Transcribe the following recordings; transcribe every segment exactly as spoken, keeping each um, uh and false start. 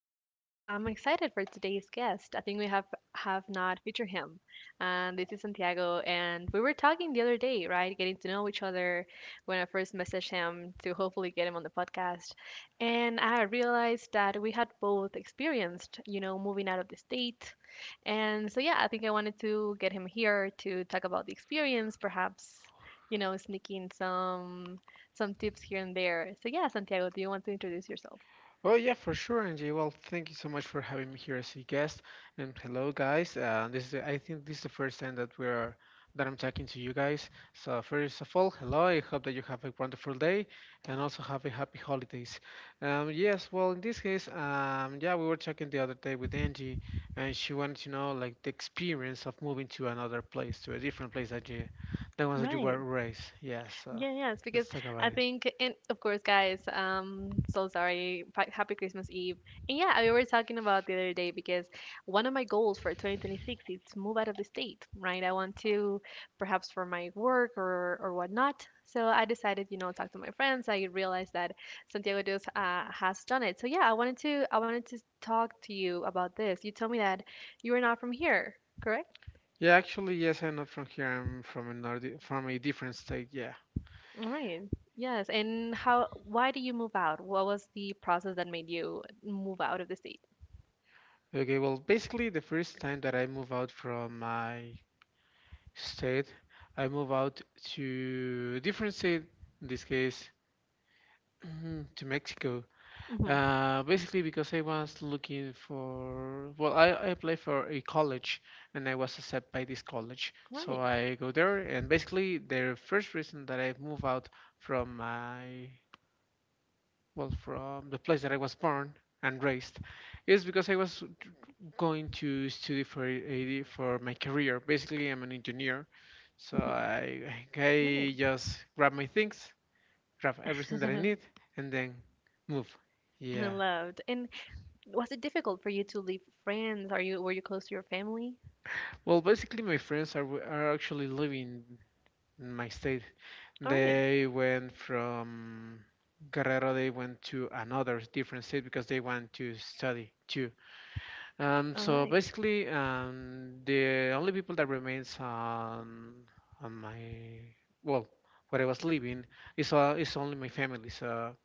podcast. I'm excited for today's guest. I think we have have not featured him, and this is Santiago. And we were talking the other day, right? Getting to know each other when I first messaged him to hopefully get him on the podcast, and I realized that we had both experienced, you know, moving out of the state, and so yeah, I think I wanted to get him here to talk about the experience, perhaps. You know, sneaking some some tips here and there. So yeah, Santiago, do you want to introduce yourself? Oh yeah, for sure, Angie. Well, thank you so much for having me here as a guest. And hello, guys. Uh, this is, I think this is the first time that we're that I'm talking to you guys. So first of all, hello. I hope that you have a wonderful day and also have a happy holidays. Um, yes. Well, in this case, um, yeah, we were talking the other day with Angie, and she wanted to know like the experience of moving to another place, to a different place that you, the ones that you were Right. raised. Yeah. So Yeah, yes, let's because talk about I it. think, and of course, guys, um, so sorry. Fa- Happy Christmas Eve. And yeah, we were talking about the other day because one of my goals for two thousand twenty-six is to move out of the state, right? I want to, perhaps for my work or or whatnot. So I decided, you know, talk to my friends. I realized that Santiago does uh, has done it. So yeah, I wanted to, I wanted to talk to you about this. You told me that you are not from here, correct? Yeah, actually, yes, I'm not from here. I'm from another, from a different state. Yeah. All right. Yes. And how, why did you move out? What was the process that made you move out of the state? Okay. Well, basically, the first time that I move out from my state, I move out to a different state. In this case, to Mexico. Mm-hmm. Uh, basically, because I was looking for. Well, I, I applied for a college, and I was accepted by this college. So Right. I go there, and basically, the first reason that I move out from my well, from the place that I was born and raised, is because I was going to study for a- for my career. Basically, I'm an engineer, so Mm-hmm. I Right. I just grab my things, grab everything that I need, and then move. And I Yeah. loved. And was it difficult for you to leave friends? Are you, were you close to your family? Well, basically, my friends are w- are actually living in my state. All right. They went from Guerrero. They went to another different state because they want to study too. Um, All so right. basically, um, the only people that remains on on my well, where I was living is uh, is only my family. So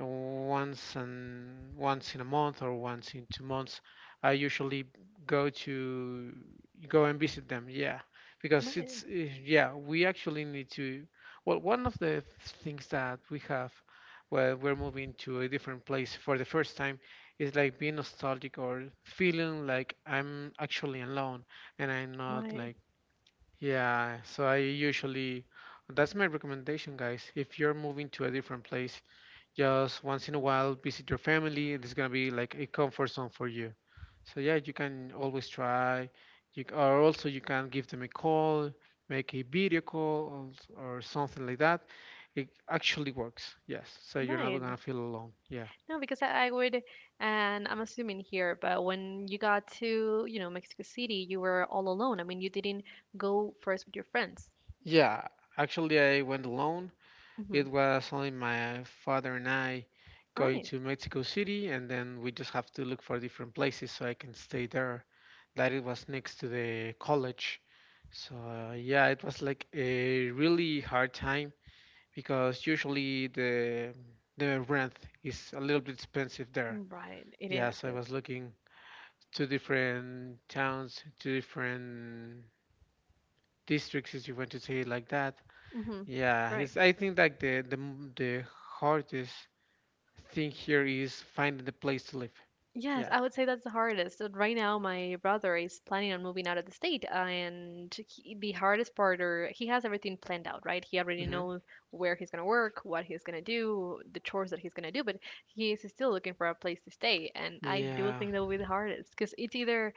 once and once in a month or once in two months, I usually go to go and visit them, yeah, because Right. it's uh, yeah, we actually need to. Well, one of the things that we have where we're moving to a different place for the first time is like being nostalgic or feeling like I'm actually alone, and I'm not Right. like. Yeah, so I usually. That's my recommendation, guys, if you're moving to a different place, just once in a while, visit your family. It's gonna be like a comfort zone for you. So yeah, you can always try. You c- or also you can give them a call, make a video call or, or something like that. It actually works. Yes. So you're not Right. gonna feel alone. Yeah. No, because I, I would, and I'm assuming here, but when you got to, you know, Mexico City, you were all alone. I mean, you didn't go first with your friends. Yeah. Actually, I went alone. Mm-hmm. It was only my father and I All going right. to Mexico City, and then we just have to look for different places so I can stay there. That it was next to the college. So yeah, it was like a really hard time because usually the the rent is a little bit expensive there. Right. It Yeah, is. so I Yes. was looking two different towns, two different districts, if you want to say it like that. Mm-hmm. Yeah, it's, I think like the the m- the hardest thing here is finding the place to live. Yes, Yeah. I would say that's the hardest. So right now, my brother is planning on moving out of the state, uh, and he, the hardest part, or he has everything planned out, right? He already Hmm. knows where he's gonna work, what he's gonna do, the chores that he's gonna do, but he is still looking for a place to stay, and I do Yeah. think that will be the hardest because it's either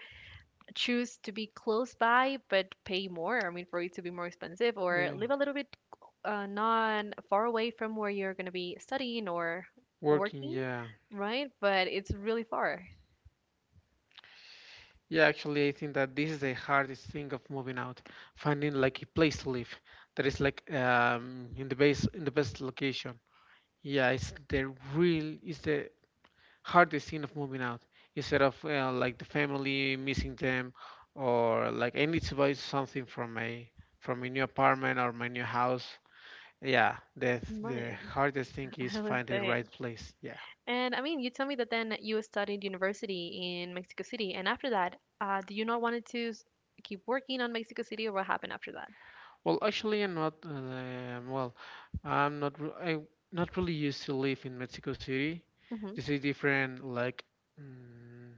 choose to be close by but pay more, I mean, for it to be more expensive, or Yeah. live a little bit uh, not far away from where you're gonna be studying or Working. working. Yeah. Right, but it's really far. Yeah. Actually, I think that this is the hardest thing of moving out, finding like a place to live that is like um in the base in the best location. Yeah. It's the real. It's the hardest thing of moving out. Instead of uh, like the family missing them, or like I need to buy something from my from my new apartment or my new house. Yeah, the the Right, hardest thing is I would find the say. right place. Yeah. And I mean, you tell me that then you studied university in Mexico City, and after that, uh, do you not wanted to s- keep working on Mexico City, or what happened after that? Well, actually, I'm not. Uh, well, I'm not. re- I not really used to live in Mexico City. Hmm. This is different, like mm,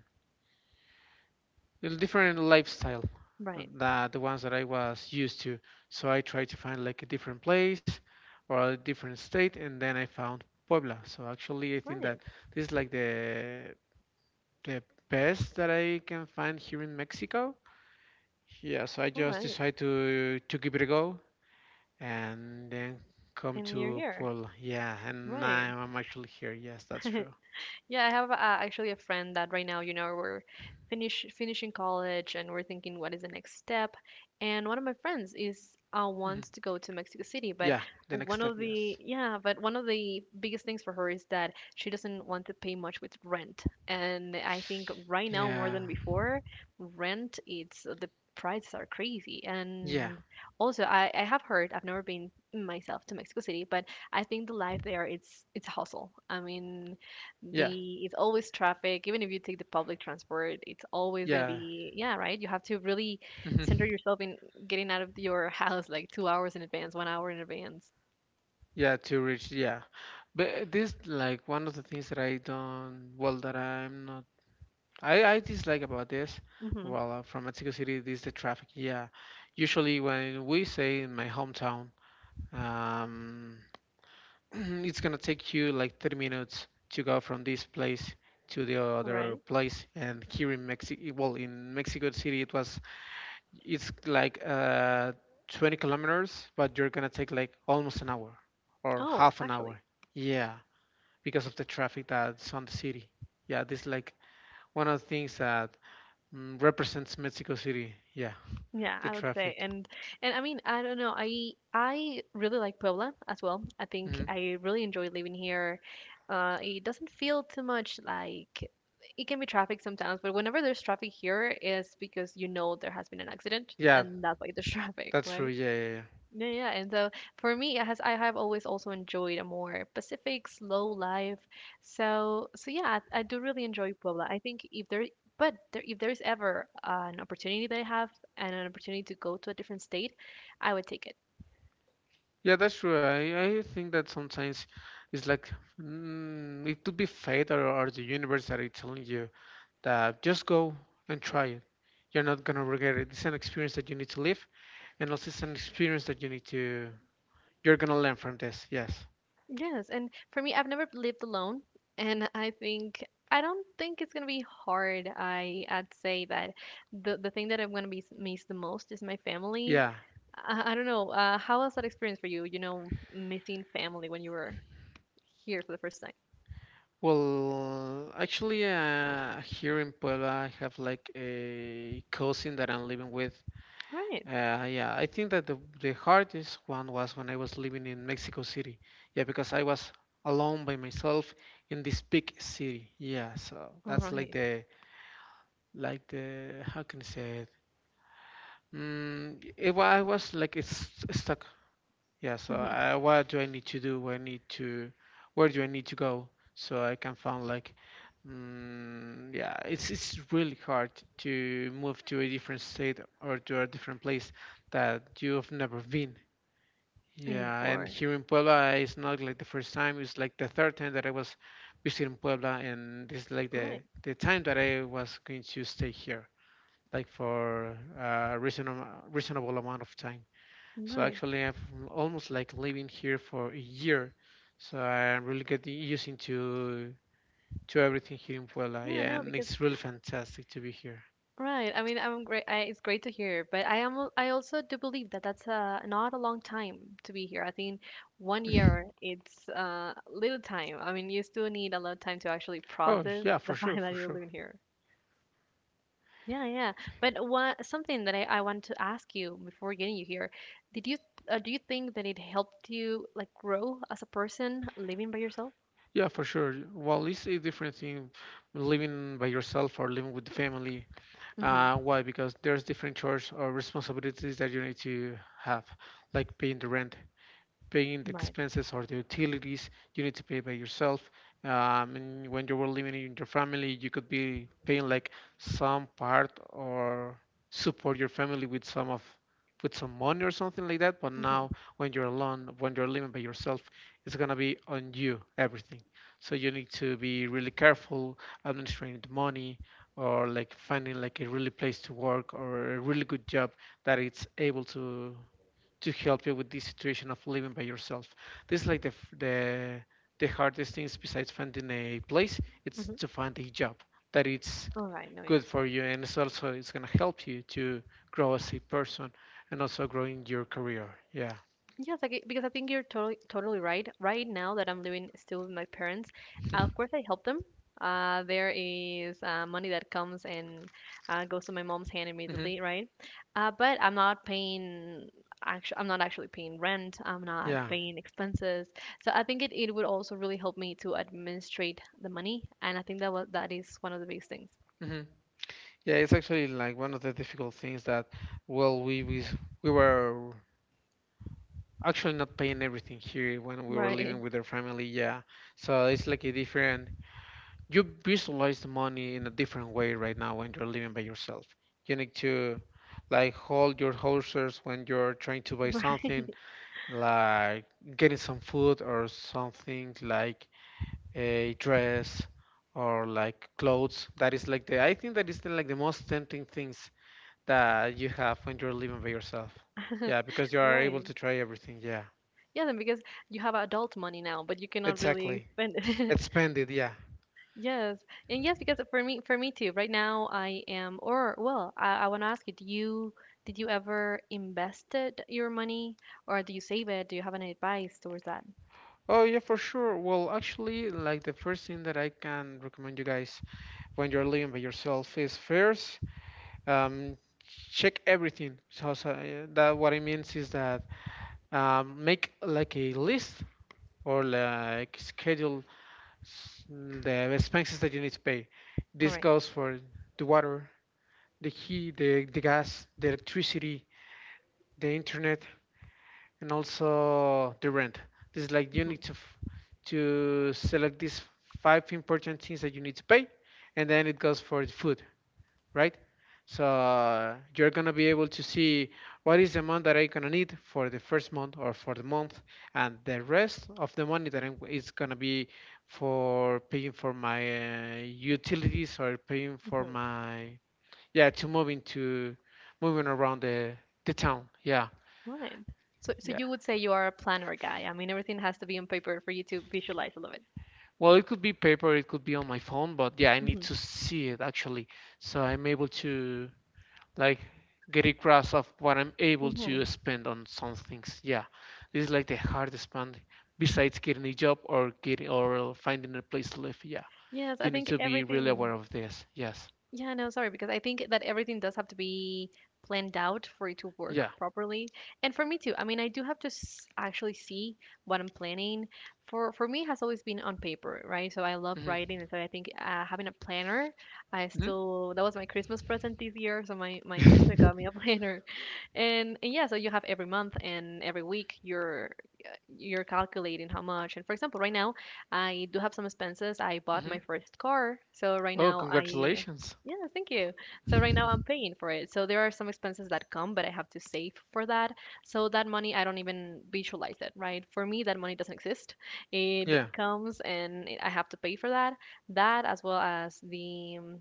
a different lifestyle Right, that the ones that I was used to. So I tried to find like a different place or a different state, and then I found Puebla. So actually, I think right, that this is like the the best that I can find here in Mexico. Yeah, so I all just right, decided to to give it a go, and then come and you're to here. Puebla. Yeah, and Right. now I'm actually here. Yes, that's true. Yeah, I have uh, actually a friend that right now, you know, we're finish finishing college and we're thinking what is the next step. Hmm. And one of my friends Yeah, is uh, the next wants step. to go to Yes. Mexico City, but one of the yeah, but one of the biggest things for her is that she doesn't want to pay much with rent. And I think right now more Yeah. than before, rent it's the prices are crazy. Yeah. And also, I I have heard I've never been myself to Mexico City, but I think the life there it's it's a hustle. I mean Yeah. the it's always traffic. Even if you take the public transport, it's always gonna Yeah. be yeah, right? You have to really center Mhm. yourself in getting out of your house like two hours in advance, one hour in advance. Yeah. To reach. Yeah, but this like one of the things that I don't. Well, that I'm not. I I dislike about this. Mm-hmm. Well, uh, from Mexico City, this is the traffic. Yeah. Usually, when we say in my hometown, um. it's gonna take you like thirty minutes to go from this place to the All other right. place and here in mexico well, in Mexico City it was it's like uh twenty kilometers, but you're gonna take like almost an hour or Oh, half an hour, actually, yeah, because of the traffic that's on the city. Yeah, this is like one of the things that mm, represents Mexico City, yeah, yeah, the I would traffic. say, and and I mean, I don't know. I I really like Puebla as well. I think Hmm. I really enjoy living here. Uh, it doesn't feel too much like it can be traffic sometimes, but whenever there's traffic here, is because you know there has been an accident, Yeah, and that's why there's traffic, that's true. right? Yeah, yeah, yeah. No, yeah, and so for me, it has I have always also enjoyed a more Pacific slow life. So, so yeah, I, I do really enjoy Puebla. I think if there, but there, if there is ever an opportunity that I have and an opportunity to go to a different state, I would take it. Yeah, that's true. I, I think that sometimes it's like mm, it could be fate or, or the universe that is telling you that just go and try it. You're not gonna regret it. It's an experience that you need to live, and also it's an experience that you need to. You're gonna learn from this. Yes. Yes, and for me, I've never lived alone, and I think I don't think it's gonna be hard. I I'd say that the the thing that I'm gonna be s- miss the most is my family. Yeah. I, I don't know. Uh, how was that experience for you? You know, missing family when you were here for the first time. Well, actually, uh, here in Puebla, I have like a cousin that I'm living with. All right. Uh, yeah, I think that the, the hardest one was when I was living in Mexico City. Yeah, because I was alone by myself in this big city. Yeah, so All that's like right. the like the how can I say it? Mm, it wa- I was like it's stuck. Yeah, so Mm-hmm. I, what do I need to do? Where I need to, where do I need to go so I can find like, mm, yeah, it's it's really hard to move to a different state or to a different place that you have never been. And Yeah, and before. here in Puebla, it's not like the first time. It's like the third time that I was visiting Puebla, and this is like All right. the the time that I was going to stay here, like for a reasonable reasonable amount of time. So Right. actually, I'm almost like living here for a year. So I'm really getting used to to everything here in Puebla. Yeah, Yeah, no, and because it's really fantastic to be here. Right. I mean, I'm great. I, it's great to hear, but I am. al- I also do believe that that's uh, not a long time to be here. I think one year it's uh, little time. I mean, you still need a lot of time to actually Oh process yeah, for the sure, fact for that you're sure. living here. Yeah, yeah. But what something that I, I want to ask you before getting you here, did you uh, do you think that it helped you like grow as a person living by yourself? Yeah, for sure. Well, it's a different thing living by yourself or living with the family. Mm-hmm. Uh, why? Because there's different chores or responsibilities that you need to have, like paying the rent, paying the Right. expenses or the utilities you need to pay by yourself. Um, and when you were living in your family, you could be paying like some part or support your family with some of with some money or something like that. But Mm-hmm. now, when you're alone, when you're living by yourself, it's gonna be on you everything. So you need to be really careful administering the money or like finding like a really place to work or a really good job that it's able to to help you with this situation of living by yourself. This is like the the the hardest things besides finding a place, it's Mm-hmm. to find a job that it's All right. No. good Yes. for you, and it's also it's gonna help you to grow as a person and also growing your career. Yeah. Yes, like, it- because I think you're totally totally right. Right now that I'm living still with my parents, uh, of course I help them. Uh, there is uh, money that comes and uh, goes to my mom's hand Hmm. immediately, right? Uh, but I'm not paying. Actually, I'm not actually paying rent. I'm not Yeah. paying expenses. So I think it, it would also really help me to administrate the money, and I think that was that is one of the biggest things. Hmm. Yeah, it's actually like one of the difficult things that, well, we we we were actually not paying everything here when we were Right, living with our family. Yeah, so it's like a different you visualize the money in a different way right now when you're living by yourself. You need to like hold your horses when you're trying to buy something, right, like getting some food or something like a dress or like clothes. That is like the I think that is the, like the most tempting things that you have when you're living by yourself. Yeah, because you are able right. to try everything. Yeah, Yeah, then because you have adult money now, but you cannot really exactly. spend it. Expand it. Yeah. Yes, and yes, because for me, for me too. Right now, I am, or well, I, I want to ask you, do you did you ever invested your money, or do you save it? Do you have any advice towards that? Oh yeah, for sure. Well, actually, like the first thing that I can recommend you guys when you're living by yourself is first, um, check everything. So, so, uh, that what it means is that um, make like a list or like schedule s- the expenses that you need to pay. All This right. goes for the water, the heat, the, the gas, the electricity, the internet, and also the rent. This is like you need Mm-hmm. to f- to select these five important things that you need to pay, and then it goes for the food, right? So uh, you're gonna be able to see what is the amount that I'm gonna need for the first month or for the month, and the rest of the money that I'm, is gonna be for paying for my uh, utilities or paying for Mm-hmm. my, yeah, to moving to moving around the the town. Yeah, All right. So, so yeah. you would say you are a planner guy. I mean, everything has to be on paper for you to visualize a little bit. Well, it could be paper, it could be on my phone, but yeah, I need to Hmm. see it actually, so I'm able to like get a grasp of what I'm able Hmm. to spend on some things. Yeah, this is like the hardest part besides getting a job or getting or finding a place to live. Yeah, Yes, you I need think to be really aware everything. of this. Yes. Yeah, no, sorry, because I think that everything does have to be planned out for it to work Yeah. properly. And for me too. I mean, I do have to s actually see what I'm planning. For for me, it has always been on paper, right? So I love Hmm. writing, and so I think uh, having a planner, I Hmm. still that was my Christmas present this year. So my my sister Hmm. got me a planner, and, and yeah, so you have every month and every week your you're calculating how much. And for example, right now I do have some expenses. I bought my first car, so right Oh, now I congratulations. yeah, thank you. So right now I'm paying for it. So there are some expenses that come, but I have to save for that. So that money, I don't even visualize it, right? For me, that money doesn't exist. It Yeah. comes and it- I have to pay for that. That as well as the um,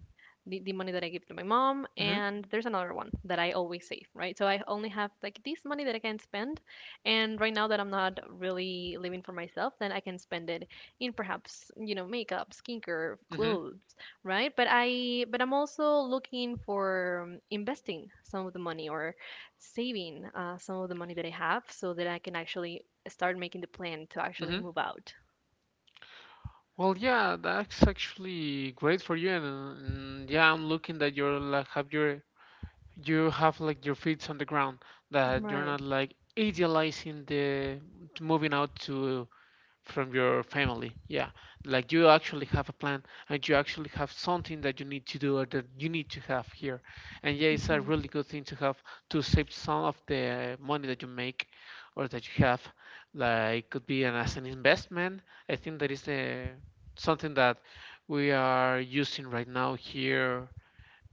the, the money that I give to my mom, Hmm. and there's another one that I always save, right? So I only have like this money that I can spend, and right now that I'm not really living for myself, then I can spend it in perhaps, you know, makeup, skincare, Hmm. clothes, right? But I but I'm also looking for um, investing some of the money or saving uh, some of the money that I have so that I can actually start making the plan to actually Hmm. move out. Well, yeah, that's actually great for you, and, uh, and yeah, I'm looking that you're like have your you have like your feet on the ground, that you're Right. not like idealizing the t- moving out to from your family. Yeah, like you actually have a plan and you actually have something that you need to do or that you need to have here. And yeah, it's a Hmm. really good thing to have to save some of the money that you make or that you have. Like could be an as an investment. I think that is the something that we are using right now here,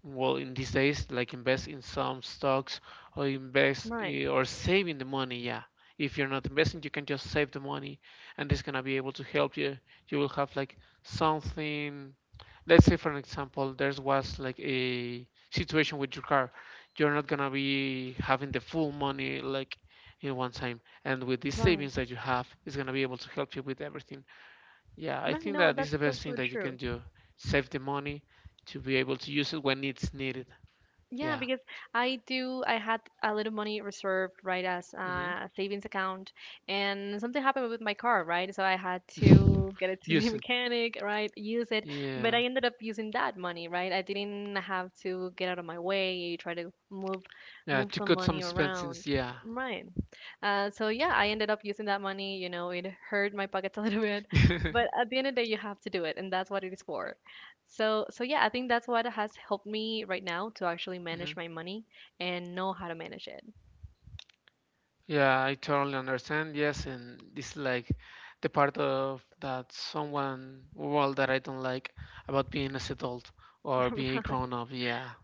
well, in these days, like invest in some stocks or invest Right. i- or saving the money, yeah. If you're not investing, you can just save the money, and it's gonna be able to help you. You will have like something. Let's say, for an example, there was like a situation with your car, you're not gonna be having the full money like in one time, and with these Right. savings that you have, it's gonna be able to help you with everything. Yeah, I Right. think No, that that's is the best that's thing really that you can true. do. Save the money to be able to use it when it's needed. Yeah, Yeah. because I do. I had a little money reserved, right, as Hmm. a savings account, and something happened with my car, right? So I had to get it to the Use it. mechanic, right? Use it, but Yeah. I ended up using that money, right? I didn't have to get out of my way, try to move, Yeah, move to some cut some money around, expenses. Yeah. right? Uh, so yeah, I ended up using that money. You know, it hurt my pockets a little bit, Hmm. but at the end of the day, you have to do it, and that's what it is for. So, so yeah, I think that's what has helped me right now to actually manage my money and know how to manage it. Yeah, I totally understand. Yes, and this is like the part of that someone, well, that I don't like about being as adult or being grown up. Yeah.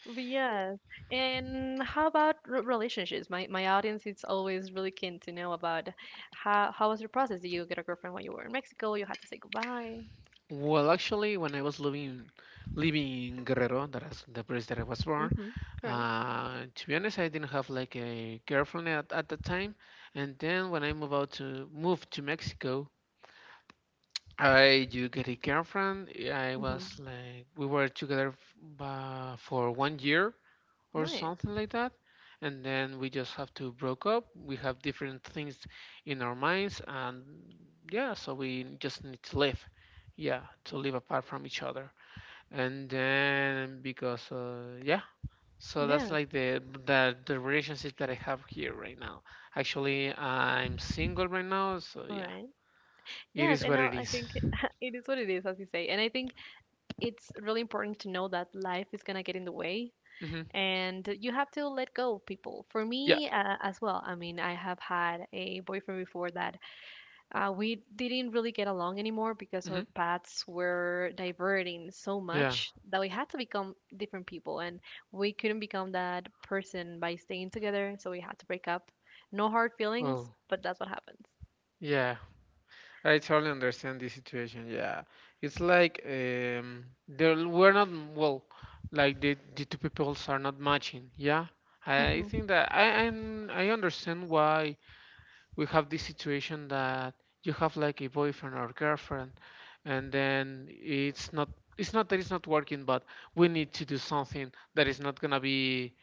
But yes. And how about re relationships? My my audience is always really keen to know about how how was your process? Did you get a girlfriend when you were in Mexico? You had to say goodbye. Well, actually, when I was living living in Guerrero, that is the place that I was born, Mm-hmm. Correct. uh, to be honest, I didn't have like a girlfriend at, at the time. And then when I moved out to moved to Mexico, I do get a girlfriend. Yeah, I Mm-hmm. was like, we were together f- ba- for one year or Right. something like that, and then we just have to broke up. We have different things in our minds, and yeah, so we just need to live, yeah, to live apart from each other. And then because uh, yeah, so that's Yes. like the the the relationship that I have here right now. Actually, I'm single right now, so All yeah, right. it Yes. is And what now it I is. think it is what it is, as you say. And I think it's really important to know that life is gonna get in the way. Mhm. And you have to let go of people. For Yeah. me, uh, as well, I mean I have had a boyfriend before that uh, we didn't really get along anymore because our Hmm. paths were diverting so Yeah. much that we had to become different people, and we couldn't become that person by staying together, so we had to break up. No hard feelings, Oh, but that's what happens. yeah. I totally understand this situation. Yeah, it's like um, there we're not, well, like the the two peoples are not matching. Yeah, I think that I I'm, I understand why we have this situation that you have like a boyfriend or girlfriend, and then it's not, it's not that it's not working, but we need to do something that is not gonna be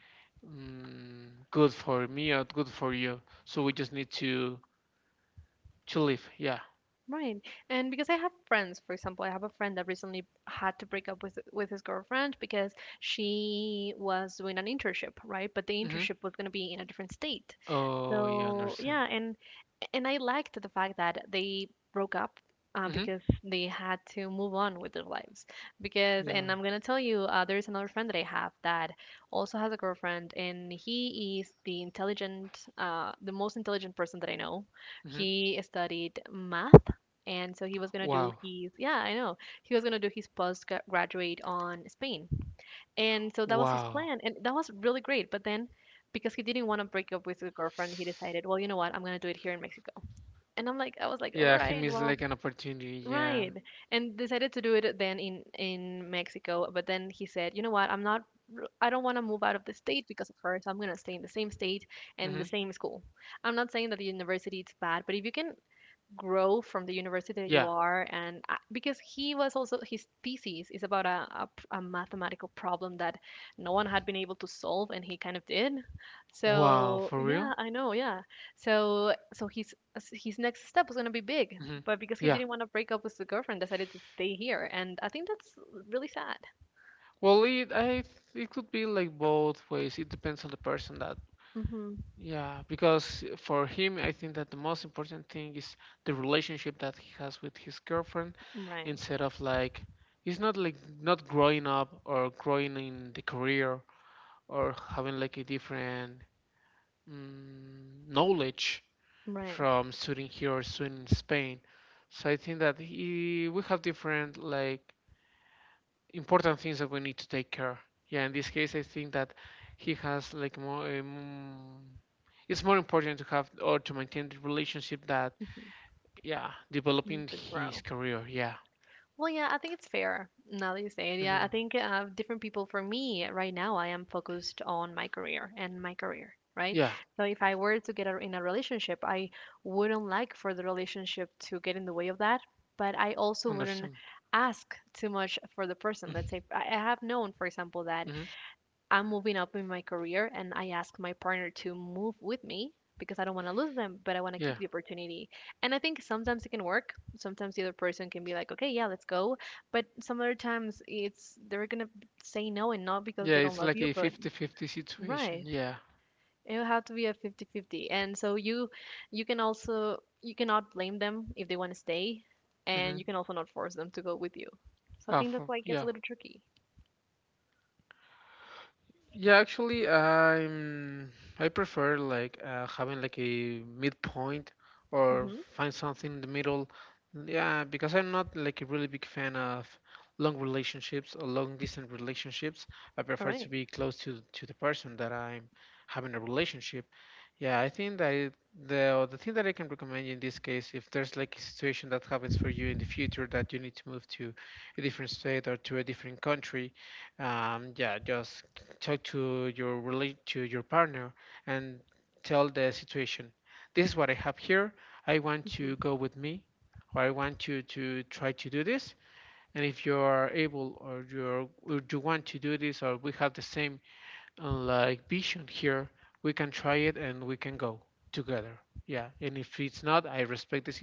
mm, good for me or good for you. So we just need to To live, yeah. Right. And because I have friends, for example, I have a friend that recently had to break up with with his girlfriend because she was doing an internship, right? But the Hmm. internship was going to be in a different state. Oh, yeah, So, understand. yeah, and and I liked the fact that they broke up, uh, Hmm. because they had to move on with their lives. Because, and Yeah. I'm gonna tell you, uh, there's another friend that I have that also has a girlfriend, and he is the intelligent, uh, the most intelligent person that I know. Hmm. He studied math. And so he was gonna do Wow. his, yeah, I know. He was gonna do his postgraduate on Spain. And so that was his Wow. plan. And that was really great. But then because he didn't want to break up with his girlfriend, he decided, well, you know what? I'm going to do it here in Mexico. And I'm like, I was like, all Yeah, he right, missed well, like an opportunity. Yeah. right. And decided to do it then in in Mexico. But then he said, you know what? I'm not. r- I don't want to move out of the state because of her. So I'm gonna stay in the same state and the Hmm. same school. I'm not saying that the university is bad, but if you can grow from the university that Yeah. you are, and I- because he was also, his thesis is about a a, a mathematical problem that no one had been able to solve, and he kind of did. Wow, So for real? yeah, I know, yeah. So so his his next step was going to be big, Hmm. but because he Yeah. didn't want to break up with the girlfriend, decided to stay here, and I think that's really sad. Well, it I it could be like both ways. It depends on the person that. hmm Yeah, because for him, I think that the most important thing is the relationship that he has with his girlfriend, right. instead of like he's not like not growing up or growing in the career or having like a different mm, knowledge Right. from student here or student in Spain. So I think that he, we have different like important things that we need to take care. Yeah, in this case, I think that he has like more. Um, it's more important to have or to maintain the relationship that, hmm yeah, developing to his grow. career. Yeah. Well, yeah, I think it's fair now that you say it. Yeah, I Hmm. think uh, different people. For me right now, I am focused on my career and my career, right? Yeah. So if I were to get a, in a relationship, I wouldn't like for the relationship to get in the way of that, but I also wouldn't Understand. ask too much for the person. Let's say I I have known, for example, that Hmm. I'm moving up in my career and I ask my partner to move with me because I don't want to lose them, but I want to keep Yeah. the opportunity. And I think sometimes it can work. Sometimes the other person can be like, okay, yeah, let's go. But some other times it's they're going to say no, and not because Yeah, they don't it's love like you, a but fifty-fifty situation. right. Yeah. It'll have to be a fifty-fifty. And so you you can also, you cannot blame them if they want to stay, Mm-hmm. and you can also not force them to go with you. So I Uh, think that's For, why it gets a yeah, little tricky. yeah, actually, I'm I prefer like uh, having like a midpoint or Mhm. find something in the middle. Yeah, because I'm not like a really big fan of long relationships or long distance relationships. I All prefer to right. be close to to the person that I'm having a relationship. Yeah, I think that it- the the thing that I can recommend you in this case, if there's like a situation that happens for you in the future that you need to move to a different state or to a different country, um, yeah, just talk to your relate to your partner and tell the situation. This is what I have here. I want to Mhm. go with me, or I want you to try to do this, and if you are able or you're or you want to do this, or we have the same uh, like vision here, we can try it and we can go together. Yeah, and if it's not, I respect this.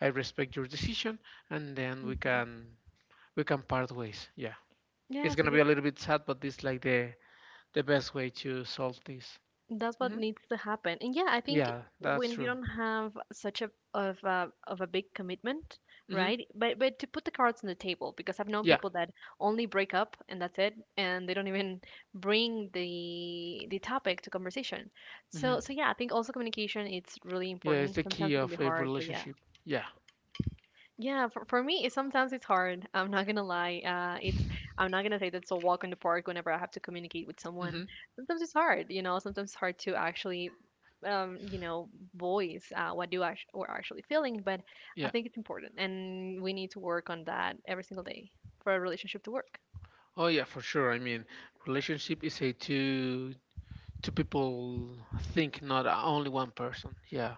I respect your decision, and then we Mhm. can we can part ways, yeah. It's Yes, gonna be because a little bit sad, but this is like the the best way to solve this. that's what Hmm. needs to happen. And yeah, I think Yeah, that's when you true. don't have such a of a of a big commitment, Hmm. right? But but to put the cards on the table, because I've known Yeah. people that only break up and that's it, and they don't even bring the the topic to conversation. So Hmm. so yeah, I think also communication it's really Yeah, it's important. the key Sometimes it can be of a hard, but yeah. relationship. Yeah. Yeah, for, for me, it, sometimes it's hard. I'm not gonna lie. Uh, it's I'm not gonna say that's a walk in the park whenever I have to communicate with someone. Hmm. Sometimes it's hard, you know. Sometimes it's hard to actually, um, you know, voice uh, what do act- we're actually feeling. But I Yeah. think it's important, and we need to work on that every single day for a relationship to work. Oh yeah, for sure. I mean, relationship is a two two people think, not only one person. Yeah.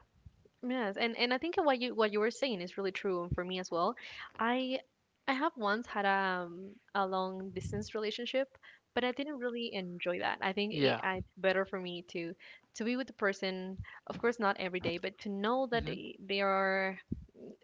Yes, and and I think what you what you were saying is really true for me as well. I I have once had a um, a long distance relationship, but I didn't really enjoy that. I think it, Yeah. I, it's better for me to to be with the person, of course, not every day, but to know that Hmm. they, they are,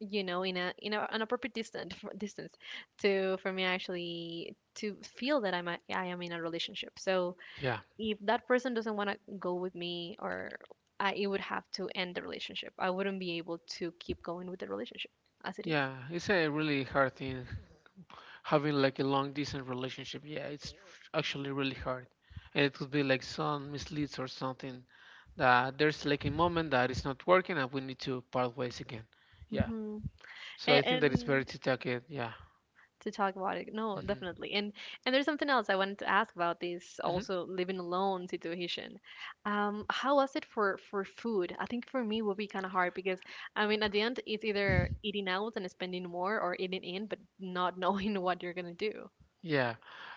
you know, in a in a, an appropriate distance distance to for me actually to feel that I'm a, I am in a relationship. So Yeah. if that person doesn't want to go with me, or I, it would have to end the relationship. I wouldn't be able to keep going with the relationship as it is. Yeah. It's a really hard thing having like a long distant relationship, yeah, it's actually really hard, and it could be like some misleads or something that there's like a moment that it's not working and we need to part ways again, yeah. Mm-hmm. So I And, think that it's better and to take it, yeah. to talk about it, no, Hmm. definitely. And and there's something else I wanted to ask about this Hmm. also living alone situation. Um, how was it for for food? I think for me it would be kind of hard because I mean at the end it's either eating out and spending more, or eating in but not knowing what you're gonna do. Yeah,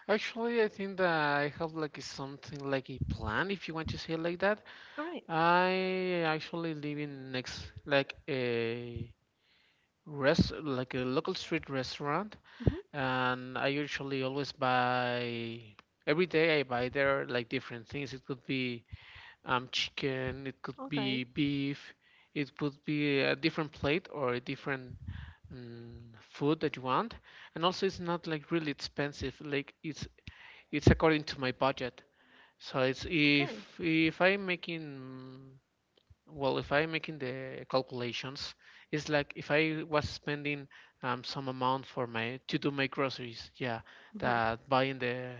actually, I think that I have like a, something like a plan, if you want to say it like that. All right. I actually live in next like a rest like a local street restaurant, Mm-hmm. and I usually always buy, every day I buy there like different things. It could be um chicken, it could Okay. be beef, it could be a different plate or a different um, food that you want. And also it's not like really expensive. Like it's it's according to my budget. So it's Okay. if if I'm making, well, if I'm making the calculations, it's like if I was spending um, some amount for my to do my groceries, yeah, Mm-hmm. that buying the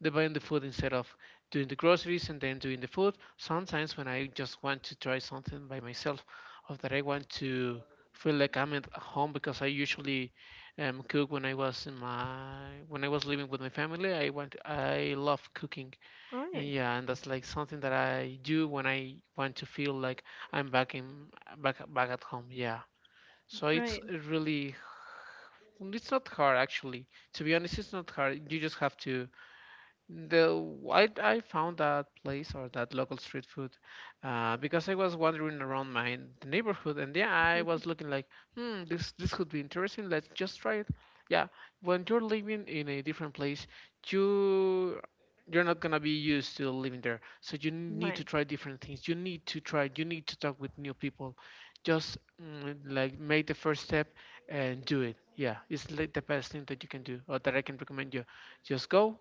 the buying the food instead of doing the groceries and then doing the food. Sometimes when I just want to try something by myself, or that I want to feel like I'm at home because I usually um, cook when I was in my when I was living with my family. I want I love cooking, All and right. yeah, and that's like something that I do when I want to feel like I'm back in back back at home. Yeah. So it's Right. really it's not hard, actually. To be honest, it's not hard. You just have to the I, I found that place or that local street food, uh, because I was wandering around my the neighborhood, and yeah, I was looking like, hmm, this this could be interesting, let's just try it, yeah. When you're living in a different place, you you're not gonna be used to living there, so you need to Right. try different things, you need to try you need to talk with new people. Just mm, like make the first step and do it, yeah. It's like the best thing that you can do or that I can recommend you. Just go,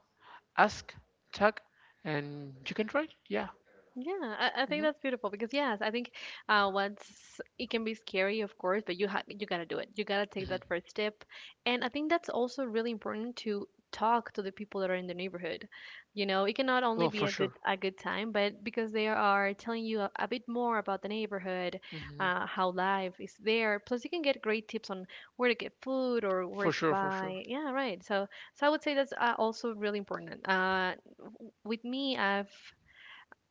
ask, tag, and you can try. Yeah. Yeah, I, I think Hmm. that's beautiful because yes, I think uh, once it can be scary, of course, but you ha you gotta do it. You gotta take that Hmm. first step, and I think that's also really important to talk to the people that are in the neighborhood. You know, it can not only Oh, be for a good sure. a good time, but because they are telling you a, a bit more about the neighborhood, Hmm. uh, how life is there. Plus, you can get great tips on where to get food or where For to sure, for sure. buy. Yeah, right. So, so I would say that's uh, also really important. Uh, w- with me, I've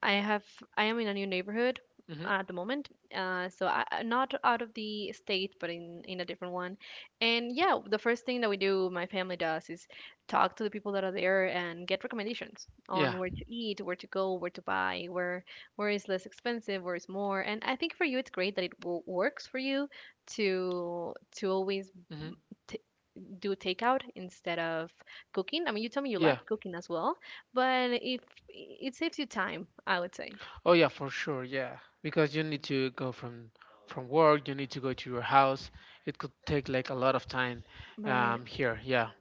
I have I am in a new neighborhood Hmm. at the moment. Uh, so I, I- not out of the state, but in in a different one. And yeah, the first thing that we do, my family does, is talk to the people that are there and get recommendations Yeah. on where to eat, where to go, where to buy, where where is less expensive, where is more. And I think for you, it's great that it w works for you to to always Hmm. t do takeout instead of cooking. I mean, you tell me you like Yeah. cooking as well, but if it saves you time, I would say. Oh, yeah, for sure. Yeah, because you need to go from from work. You need to go to your house. It could take like a lot of time Right. um, here. Yeah.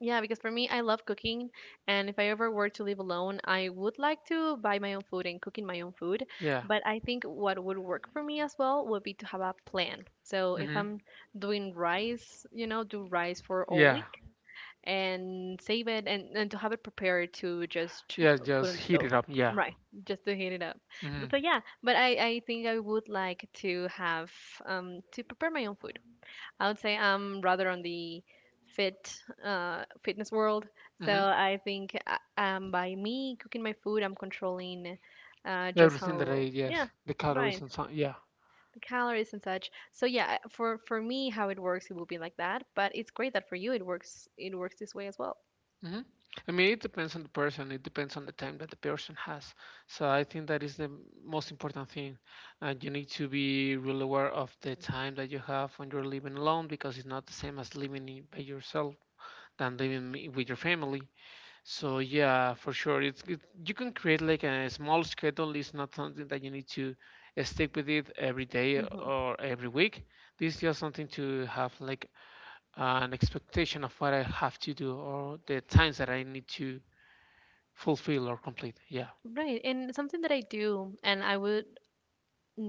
Yeah, because for me, I love cooking, and if I ever were to live alone, I would like to buy my own food and cooking my own food. Yeah. But I think what would work for me as well would be to have a plan. So if Hmm. I'm doing rice, you know, do rice for all Yeah. week and save it, and, and to have it prepared to just Yeah. put on Just the heat stove. it up. Yeah. Right, just to heat it up. But Hmm. so yeah, but I, I think I would like to have um to prepare my own food. I would say I'm rather on the fit uh, fitness world. So Hmm. I think uh, um, by me cooking my food, I'm controlling uh, just Everything that I, how yeah, yes, the calories right, and so. Yeah. the calories and such. So yeah, I- for for me, how it works, it will be like that. But it's great that for you, it works it works this way as well. Hmm. I mean, it depends on the person. It depends on the time that the person has. So I think that is the m- most important thing. And you need to be real aware of the time that you have when you're living alone, because it's not the same as living i- by yourself than living i- with your family. So yeah, for sure, it's it, you can create like a small schedule. It's not something that you need to uh, stick with it every day hmm or every week. This is just something to have like an expectation of what I have to do or the times that I need to fulfill or complete. Yeah. Right, and something that I do, and I would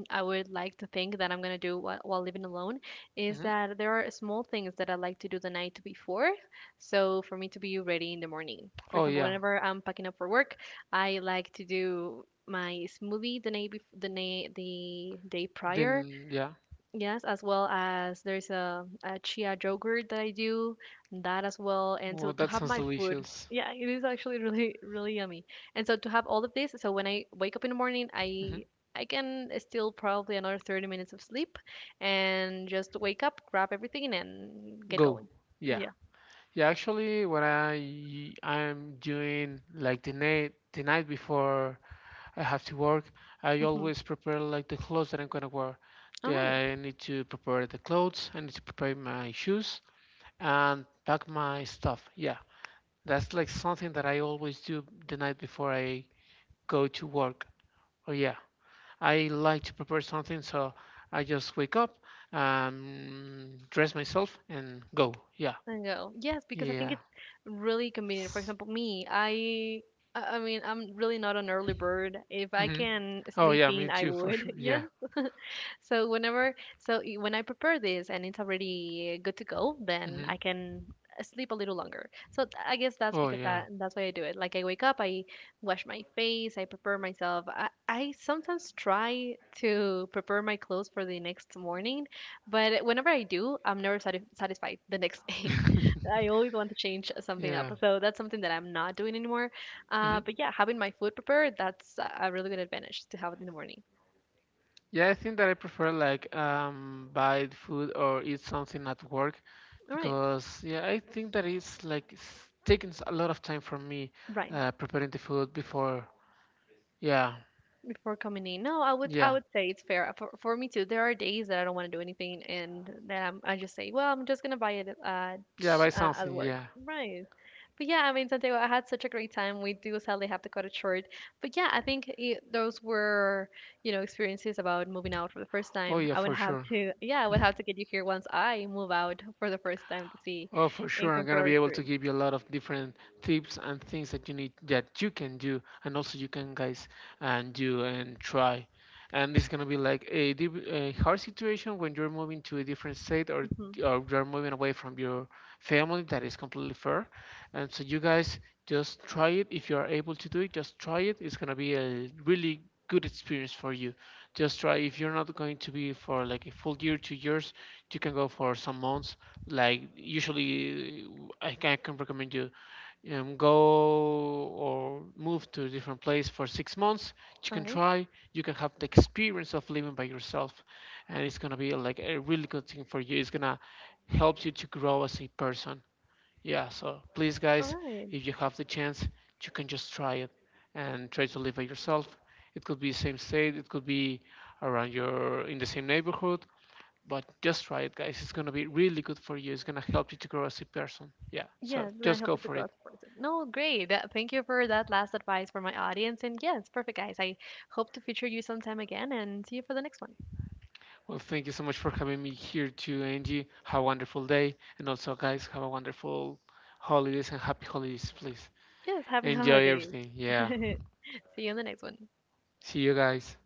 I would like to think that I'm going to do while, while living alone is Hmm. that there are small things that I like to do the night before. So for me to be ready in the morning. For Oh, example, yeah. whenever I'm packing up for work, I like to do my smoothie the night bef- the, na- the day prior. Then, yeah. Yes, as well as there's a, a chia yogurt that I do, that as well. And so Well, to that have sounds my food, delicious. yeah, it is actually really, really yummy. And so to have all of this, so when I wake up in the morning, Hmm. I I can still probably another thirty minutes of sleep and just wake up, grab everything, and get Go. going. Yeah. Yeah. Yeah, actually, when I I'm doing like the night the night before I have to work, I hmm always prepare like the clothes that I'm gonna wear. All The- right. I need to prepare the clothes. I need to prepare my shoes and pack my stuff. Yeah. That's like something that I always do the night before I go to work. Oh yeah, I like to prepare something, so I just wake up, um, dress myself, and go. Yeah, There you go. Yes, because I think yeah. it's really convenient. For example, me, I I I mean, I'm really not an early bird. If I Hmm. can Oh sleep yeah, me in, I too for would. sure. Yes. Yeah. So whenever, so i- when I prepare this and it's already good to go, then Hmm. I can uh, sleep a little longer. So th- I guess that's Oh because yeah. that that's why I do it. Like I wake up, I wash my face, I prepare myself. I, I sometimes try to prepare my clothes for the next morning, but whenever I do, I'm never sati satisfied the next day. I always want to change something up. Yeah. So that's something that I'm not doing anymore. Uh, hmm. but yeah, having my food prepared, that's a a really good advantage to have it in the morning. Yeah, I think that I prefer like um buy food or eat something at work, All right. because yeah, I think that it's like s- taking s- a lot of time from me Right. uh, preparing the food before. Yeah, Before coming in, no, I would I yeah, would say it's fair uh, for, for me too. There are days that I don't want to do anything, and that I'm, I just say, well, I'm just gonna buy it at yeah, buy uh, at something. work, Yeah. right? But yeah, I mean, Santiago, I had such a great time. We do sadly have to cut it short, but yeah, I think it, those were you know experiences about moving out for the first Oh time. yeah, I would for have sure. to, yeah, I would have to get you here once I move out for the first time to see Oh, for and sure. I'm compare gonna our be able to experience. give you a lot of different tips and things that you need that you can do, and also you can guys and do and try. And it's gonna be like a, div- a hard situation when you're moving to a different state or, Mhm. or you're moving away from your family. That is completely fair. And so you guys, just try it. If you are able to do it, just try it. It's gonna be a really good experience for you. Just try. If you're not going to be for like a full year, two years, you can go for some months, like usually, uh, I can, I can recommend you, um, go or move to a different place for six months. You All can right, try. You can have the experience of living by yourself, and it's gonna be like a really good thing for you. It's gonna help you to grow as a person. Yeah. So please, all guys, right. if you have the chance, you can just try it and try to live by yourself. It could be same state. It could be around your in the same neighborhood. But just try it, guys. It's gonna be really good for you. It's gonna help you to grow as a person. Yeah. So Yes, it's gonna just help go with the for it. growth process. No, great. That, thank you for that last advice for my audience. And yes, perfect, guys. I hope to feature you sometime again and see you for the next one. Well, thank you so much for having me here too, Angie. Have a wonderful day, and also, guys, have a wonderful holidays and happy holidays, please. Yes, happy Enjoy holidays. everything. Yeah. See you in the next one. See you guys.